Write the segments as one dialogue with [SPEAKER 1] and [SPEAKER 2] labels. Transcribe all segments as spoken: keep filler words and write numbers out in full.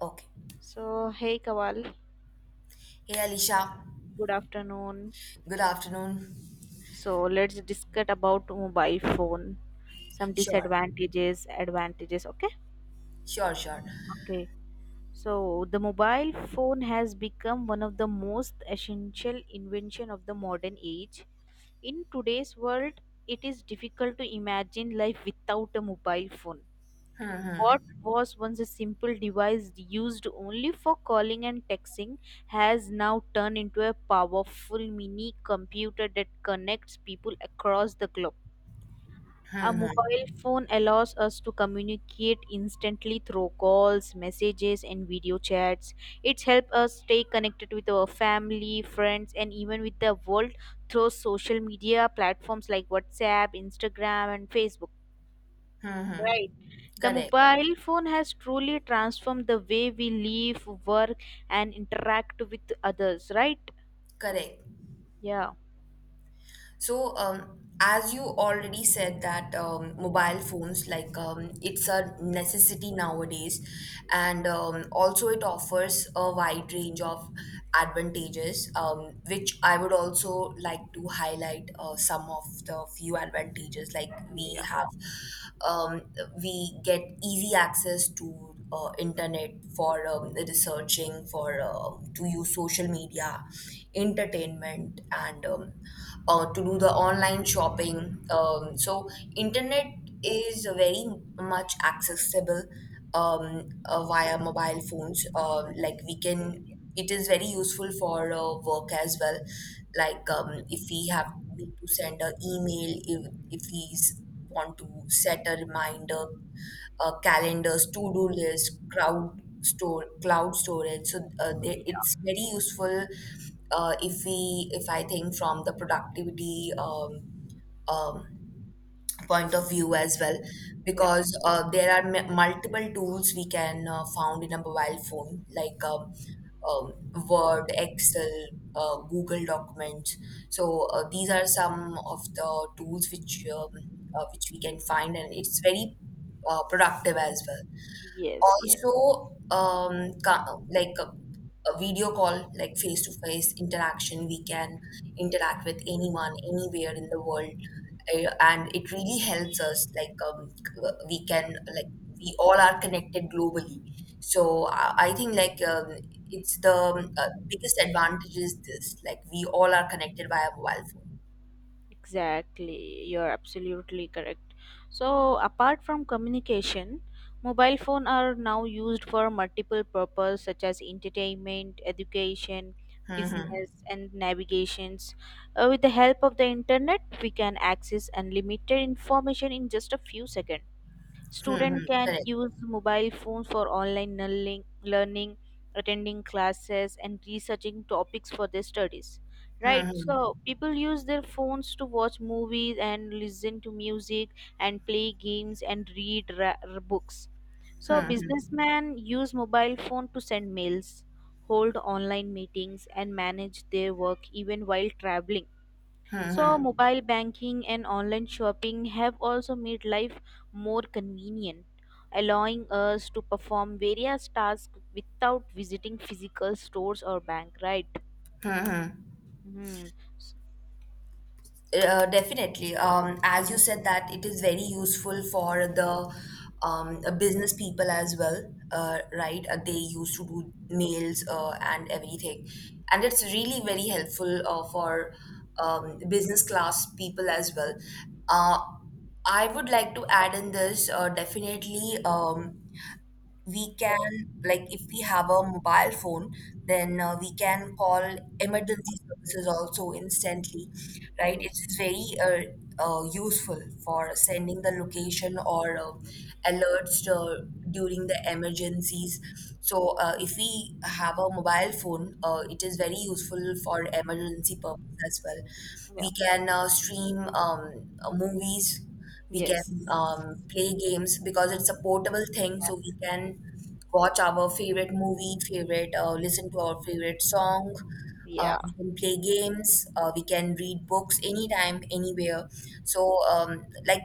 [SPEAKER 1] Okay.
[SPEAKER 2] So, hey Kawal,
[SPEAKER 1] Hey Alicia,
[SPEAKER 2] good afternoon.
[SPEAKER 1] good afternoon.
[SPEAKER 2] So, let's discuss about mobile phone, some
[SPEAKER 1] Sure,
[SPEAKER 2] disadvantages, advantages. Okay,
[SPEAKER 1] sure, sure.
[SPEAKER 2] okay. So, the mobile phone has become one of the most essential invention of the modern age. In today's world, it is difficult to imagine life without a mobile phone.
[SPEAKER 1] Hmm,
[SPEAKER 2] What
[SPEAKER 1] hmm,
[SPEAKER 2] was once a simple device used only for calling and texting has now turned into a powerful mini computer that connects people across the globe. A
[SPEAKER 1] hmm, hmm,
[SPEAKER 2] mobile phone allows us to communicate instantly through calls, messages, and video chats. It's helped us stay connected with our family, friends, and even with the world through social media platforms like WhatsApp, Instagram, and Facebook.
[SPEAKER 1] hmm, hmm.
[SPEAKER 2] Right. The
[SPEAKER 1] Correct,
[SPEAKER 2] mobile phone has truly transformed the way we live, work, and interact with others, right?
[SPEAKER 1] correct.
[SPEAKER 2] Yeah.
[SPEAKER 1] So, um, as you already said that um, mobile phones, like, um, it's a necessity nowadays,
[SPEAKER 2] Yeah.
[SPEAKER 1] and um, also it offers a wide range of advantages, um, which I would also like to highlight uh, some of the few advantages. Like we have, um, we get easy access to uh, internet for um, researching, for um, to use social media, entertainment, and um, uh, to do the online shopping. Um, so internet is very much accessible um, uh, via mobile phones. Um like we can, it is very useful for uh, work as well. Like, um, if we have need to send an email, if if we s- want to set a reminder, uh, calendars, to do list, crowd store cloud storage, so uh, they,
[SPEAKER 2] Yeah.
[SPEAKER 1] it's very useful uh, if we if I think from the productivity um, um, point of view as well,
[SPEAKER 2] Yeah.
[SPEAKER 1] because uh, there are m- multiple tools we can uh, found in a mobile phone, like, um, um, Word, Excel, uh, Google Documents. So uh, these are some of the tools which, um, uh, which we can find, and it's very uh, productive as well.
[SPEAKER 2] Yes, yes.
[SPEAKER 1] Also, um ca- like a, a video call, like face to face interaction, we can interact with anyone anywhere in the world. Uh, and it really helps us, like, um, we can, like, we all are connected globally, so i, I think, like, um, it's the um, uh, biggest advantage is this, like, we all are connected via mobile phone.
[SPEAKER 2] Exactly. You're absolutely correct. So, apart from communication, mobile phone are now used for multiple purpose such as entertainment, education,
[SPEAKER 1] Hmm.
[SPEAKER 2] business and navigations. Uh, with the help of the internet, we can access unlimited information in just a few seconds.
[SPEAKER 1] Hmm. Hmm. Hmm.
[SPEAKER 2] Student can
[SPEAKER 1] Correct.
[SPEAKER 2] use mobile phones for online learning, learning, attending classes, and researching topics for their studies. Right,
[SPEAKER 1] Hmm.
[SPEAKER 2] so people use their phones to watch movies and listen to music and play games and read ra- r- books. So
[SPEAKER 1] Hmm. Hmm.
[SPEAKER 2] businessmen use mobile phone to send mails, hold online meetings, and manage their work even while traveling.
[SPEAKER 1] Hmm.
[SPEAKER 2] So,
[SPEAKER 1] Hmm.
[SPEAKER 2] mobile banking and online shopping have also made life more convenient, allowing us to perform various tasks without visiting physical stores or bank, right?
[SPEAKER 1] Hmm. Hmm.
[SPEAKER 2] Hmm. S-
[SPEAKER 1] Uh, definitely. Um, as you said that it is very useful for the um, business people as well, uh, right? Uh, they used to do mails, uh, and everything. And it's really very helpful uh, for, um, business class people as well. Uh, I would like to add in this, uh, definitely. Um, we can, like, if we have a mobile phone then uh, we can call emergency services also instantly, right? It
[SPEAKER 2] Yes.
[SPEAKER 1] is very uh, uh, useful for sending the location or uh, alerts uh, during the emergencies. So, uh, if we have a mobile phone, uh, it is very useful for emergency purpose as well.
[SPEAKER 2] Yeah.
[SPEAKER 1] We can uh, stream, um, movies, we can
[SPEAKER 2] Yes.
[SPEAKER 1] um, play games, because it's a portable thing,
[SPEAKER 2] Yeah.
[SPEAKER 1] so we can watch our favorite movie, favorite, uh, listen to our favorite song. Uh,
[SPEAKER 2] Yeah.
[SPEAKER 1] we can play games. Uh, we can read books anytime, anywhere. So, um, like,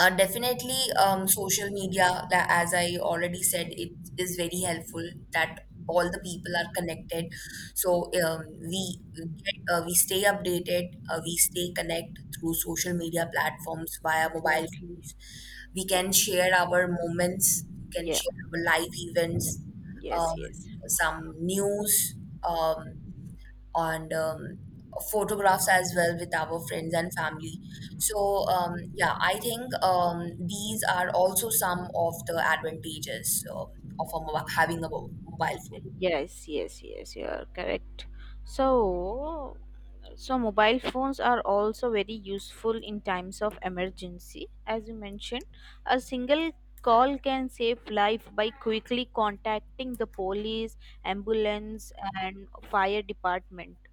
[SPEAKER 1] uh, definitely, um, social media, la- as I already said, it is very helpful, that all the people are connected. So, um, we get, uh, we stay updated, uh, we stay connect through social media platforms via mobile
[SPEAKER 2] Exactly.
[SPEAKER 1] phones. We can share our moments, we can
[SPEAKER 2] Yeah.
[SPEAKER 1] share our live events,
[SPEAKER 2] Yes.
[SPEAKER 1] um,
[SPEAKER 2] Yes.
[SPEAKER 1] some news. Um, on um, photographs as well, with our friends and family. So, um, yeah, I think, um, these are also some of the advantages um of a, mo- having a mo- mobile phone.
[SPEAKER 2] Yes. Yes. Yes. You are correct. So, So, mobile phones are also very useful in times of emergency. As you mentioned, a single call can save life by quickly contacting the police, ambulance, and fire department.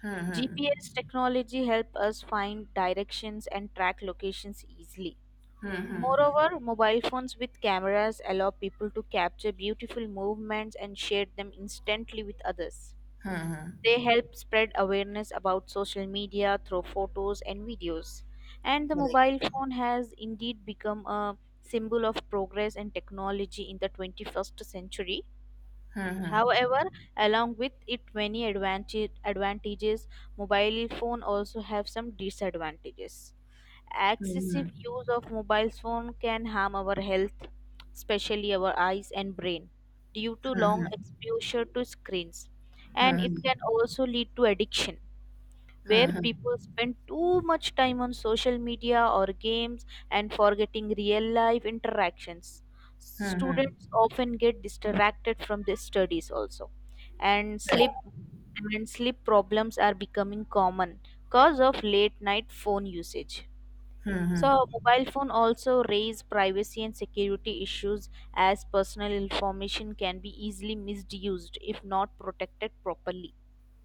[SPEAKER 1] Hmm.
[SPEAKER 2] G P S technology help us find directions and track locations easily.
[SPEAKER 1] Hmm. Hmm.
[SPEAKER 2] Moreover, mobile phones with cameras allow people to capture beautiful movements and share them instantly with others.
[SPEAKER 1] Hmm. Hmm.
[SPEAKER 2] They help spread awareness about social media through photos and videos. And the
[SPEAKER 1] Correct.
[SPEAKER 2] mobile phone has indeed become a symbol of progress and technology in the twenty-first century.
[SPEAKER 1] Hmm. Hmm.
[SPEAKER 2] However, along with it many advantage, advantages, mobile phone also have some disadvantages.
[SPEAKER 1] Hmm.
[SPEAKER 2] Excessive use of mobile phone can harm our health, especially our eyes and brain due to long exposure to screens, and
[SPEAKER 1] Hmm. Hmm.
[SPEAKER 2] it can also lead to addiction where
[SPEAKER 1] Hmm.
[SPEAKER 2] people spend too much time on social media or games and forgetting real life interactions.
[SPEAKER 1] Hmm. Hmm. Hmm. Hmm.
[SPEAKER 2] Students often get distracted from their studies also, and
[SPEAKER 1] Correct.
[SPEAKER 2] sleep and sleep problems are becoming common cause of late night phone usage.
[SPEAKER 1] Hmm. Hmm.
[SPEAKER 2] So, mobile phone also raise privacy and security issues as personal information can be easily misused if not protected properly.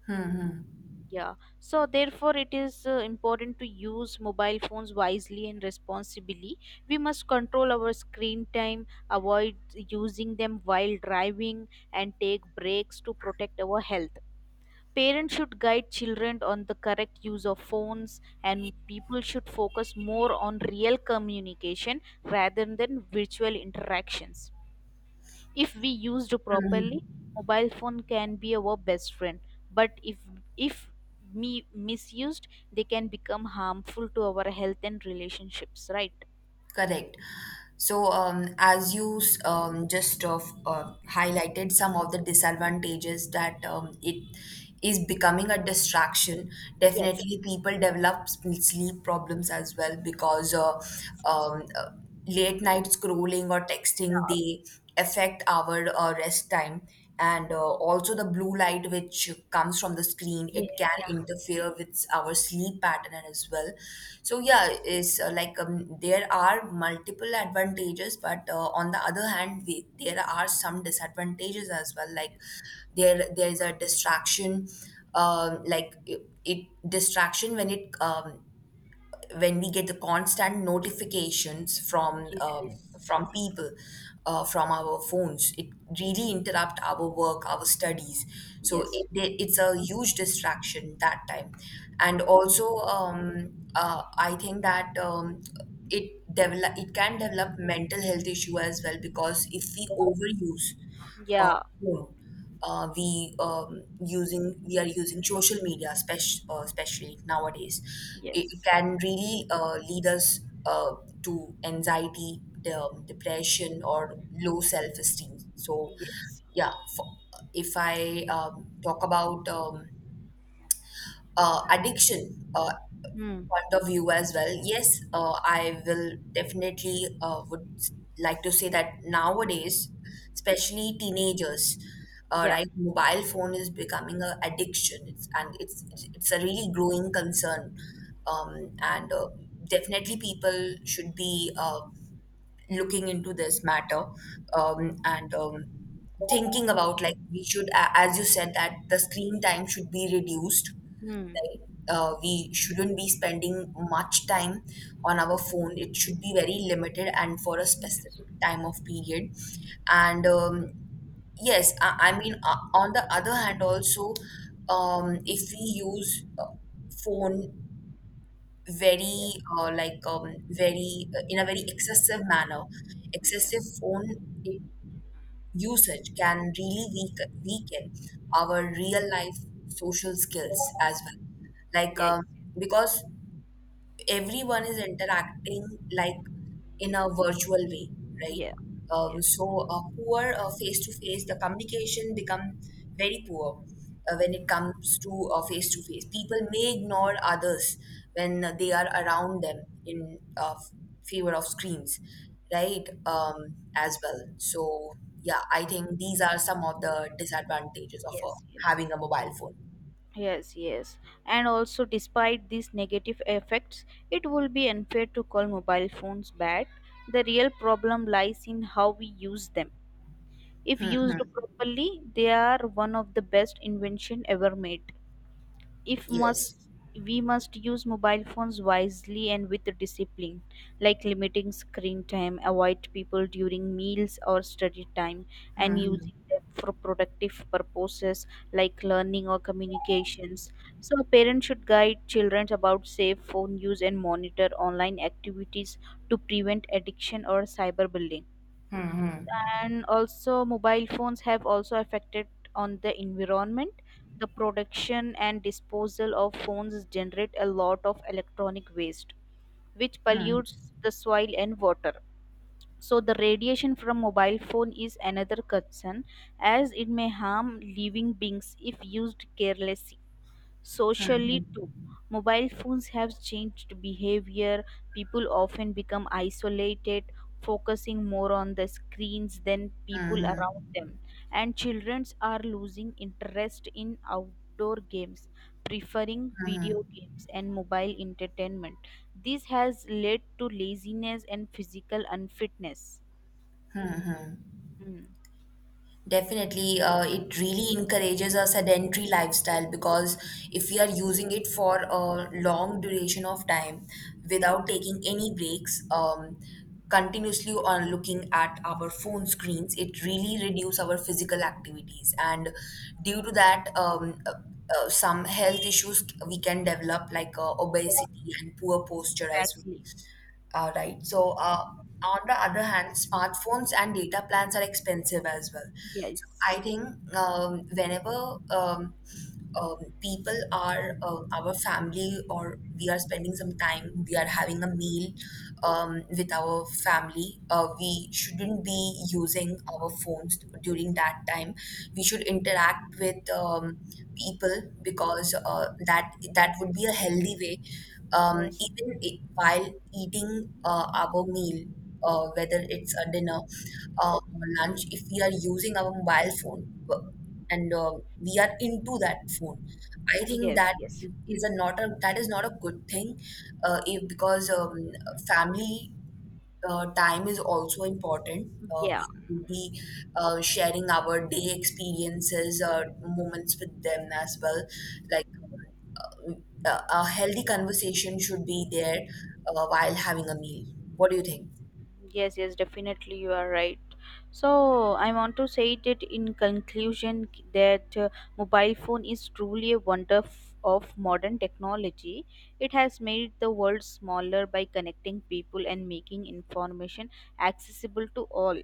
[SPEAKER 1] Hmm. Hmm.
[SPEAKER 2] Yeah. So, therefore, it is uh, important to use mobile phones wisely and responsibly. We must control our screen time, avoid using them while driving, and take breaks to protect our health. Parents should guide children on the correct use of phones, and people should focus more on real communication rather than virtual interactions. If we used
[SPEAKER 1] Hmm.
[SPEAKER 2] properly, mobile phone can be our best friend, but if if me misused, they can become harmful to our health and relationships. Right?
[SPEAKER 1] Correct. So, um, as you s- um, just uh, f- uh, highlighted some of the disadvantages, that um, it is becoming a distraction,
[SPEAKER 2] Yes.
[SPEAKER 1] definitely people develop s- sleep problems as well because uh, um, uh, late night scrolling or texting,
[SPEAKER 2] Yeah.
[SPEAKER 1] they affect our uh, rest time, and uh, also the blue light which comes from the screen,
[SPEAKER 2] Yeah.
[SPEAKER 1] it can
[SPEAKER 2] Yeah.
[SPEAKER 1] interfere with our sleep pattern as well. So yeah,
[SPEAKER 2] Yes.
[SPEAKER 1] is uh, like, um, there are multiple advantages, but uh, on the other hand we, there are some disadvantages as well, like there there is a distraction, um, like, it, it distraction when it um, when we get the constant notifications from uh,
[SPEAKER 2] Yes.
[SPEAKER 1] from people, uh, from our phones, it really interrupt our work, our studies. So it,
[SPEAKER 2] Yes.
[SPEAKER 1] it's a huge distraction that time. And also, um, uh, I think that, um, it develop it can develop mental health issue as well, because if we overuse uh,
[SPEAKER 2] Yeah.
[SPEAKER 1] phone. Uh, we, um, using we are using social media, spec uh, especially nowadays. It it
[SPEAKER 2] Yes.
[SPEAKER 1] can really uh, lead us uh, to anxiety, de- um, depression, or low self esteem. So,
[SPEAKER 2] Yes.
[SPEAKER 1] yeah, for, if I um, talk about, um, uh, addiction uh,
[SPEAKER 2] Hmm.
[SPEAKER 1] point of view as well, yes, uh, I will definitely, uh, would like to say that nowadays, especially teenagers, uh,
[SPEAKER 2] Yeah.
[SPEAKER 1] right, mobile phone is becoming a addiction, it's, and it's it's it's a really growing concern. Um, and uh, Definitely, people should be uh, looking into this matter, um, and um, thinking about, like, we should, a- as you said, that the screen time should be reduced,
[SPEAKER 2] Hmm.
[SPEAKER 1] like uh, we shouldn't be spending much time on our phone, it should be very limited and for a
[SPEAKER 2] Yes.
[SPEAKER 1] specific time of period. And um, yes, I, I mean, uh, on the other hand also, um, if we use uh, phone
[SPEAKER 2] Yeah.
[SPEAKER 1] very, uh, like, um, very, uh, in a very excessive manner,
[SPEAKER 2] Yes.
[SPEAKER 1] excessive phone eh, usage can really weaken weaken our real life social skills as well, like,
[SPEAKER 2] Yeah.
[SPEAKER 1] um, because everyone is interacting, like, in a virtual way, right?
[SPEAKER 2] Yeah.
[SPEAKER 1] Um,
[SPEAKER 2] Yes.
[SPEAKER 1] so a poor face to face, the communication become very poor uh, when it comes to face to face. People may ignore others when uh, they are around them in uh, favor of screens, right? Um, as well. So yeah, I think these are some of the disadvantages of uh,
[SPEAKER 2] Yes.
[SPEAKER 1] having a mobile phone.
[SPEAKER 2] Yes. Yes. And also, despite these negative effects, it will be unfair to call mobile phones bad. The real problem lies in how we use them. If used properly, they are one of the best invention ever made. If
[SPEAKER 1] Yes.
[SPEAKER 2] must We must use mobile phones wisely and with discipline, like limiting screen time, avoid people during meals or study time, and using them for productive purposes like learning or communications. So parents should guide children about safe phone use and monitor online activities to prevent addiction or cyberbullying. And also, mobile phones have also affected on the environment. The production and disposal of phones generate a lot of electronic waste, which pollutes the soil and water. So the radiation from mobile phone is another concern, as it may harm living beings if used carelessly. Socially, too, mobile phones have changed behavior. People often become isolated, focusing more on the screens than people
[SPEAKER 1] Mm-hmm.
[SPEAKER 2] around them. And children are losing interest in outdoor games, preferring video games and mobile entertainment. This has led to laziness and physical unfitness. Hmm.
[SPEAKER 1] Definitely, uh, it really encourages a sedentary lifestyle, because if we are using it for a long duration of time without taking any breaks, um, continuously on looking at our phone screens, it really reduces our physical activities. And due to that, um, uh, uh, some health issues we can develop, like uh, obesity and poor posture as well,
[SPEAKER 2] Exactly.
[SPEAKER 1] uh, right. So, uh, on the other hand, smartphones and data plans are expensive as well. So, I
[SPEAKER 2] Yes.
[SPEAKER 1] think, um, whenever, um, um, people are uh, our family, or we are spending some time, we are having a meal um, with our family, uh, we shouldn't be using our phones during that time. We should interact with, um, people, because uh, that that would be a healthy way, um,
[SPEAKER 2] Yes.
[SPEAKER 1] even i- while eating uh, our meal, uh, whether it's a dinner uh, or lunch, if we are using our mobile phone uh, and uh, we are into that phone, I think
[SPEAKER 2] Yes.
[SPEAKER 1] that
[SPEAKER 2] Yes.
[SPEAKER 1] is a not a that is not a good thing, uh, if, because um, family uh, time is also important. Uh,
[SPEAKER 2] Yeah.
[SPEAKER 1] we could be uh, sharing our day experiences, uh, moments with them as well, like, a, a healthy conversation should be there uh, while having a meal. What do you think?
[SPEAKER 2] Yes, yes, definitely you are right. So I want to say that in conclusion that uh, mobile phone is truly a wonder f- of modern technology. It has made the world smaller by connecting people and making information accessible to all.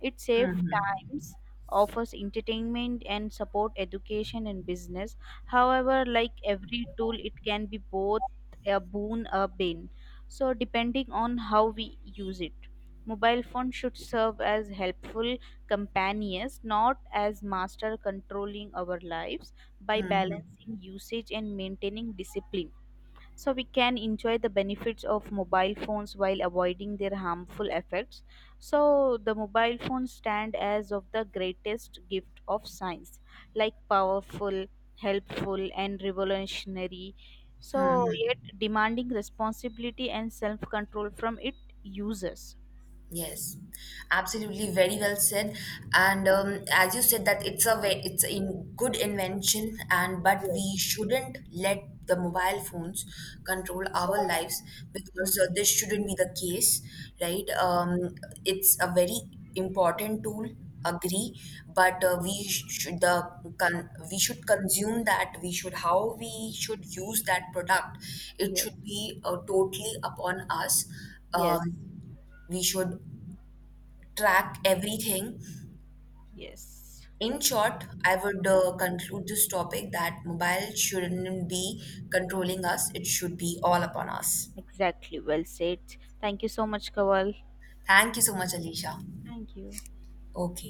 [SPEAKER 2] It saves
[SPEAKER 1] Hmm.
[SPEAKER 2] times, offers entertainment and support education and business. However, like every tool, it can be both a boon a bane, so depending on how we use it. Mobile phones should serve as helpful companions, not as master controlling our lives by
[SPEAKER 1] Hmm.
[SPEAKER 2] balancing usage and maintaining discipline. So we can enjoy the benefits of mobile phones while avoiding their harmful effects. So the mobile phones stand as of the greatest gift of science, like powerful, helpful and revolutionary. So
[SPEAKER 1] Hmm.
[SPEAKER 2] yet demanding responsibility and self-control from its users.
[SPEAKER 1] Yes, absolutely, very well said. And um, as you said that it's a ve- it's a in good invention, and but we
[SPEAKER 2] Yes.
[SPEAKER 1] shouldn't let the mobile phones control our lives, because uh,
[SPEAKER 2] Mhm.
[SPEAKER 1] this shouldn't be the case, right? Um, it's a very important tool, agree, but uh, we sh- should the con- we should consume that. We should how we should use that product. It
[SPEAKER 2] Yes,
[SPEAKER 1] should be uh, totally upon us,
[SPEAKER 2] yes,
[SPEAKER 1] um, we should track everything.
[SPEAKER 2] yes.
[SPEAKER 1] In short, I would uh, conclude this topic that mobile shouldn't be controlling us, it should be all upon us.
[SPEAKER 2] Exactly. Well said. Thank you so much, Kawal.
[SPEAKER 1] Thank you so much, Alicia.
[SPEAKER 2] Thank you.
[SPEAKER 1] Okay.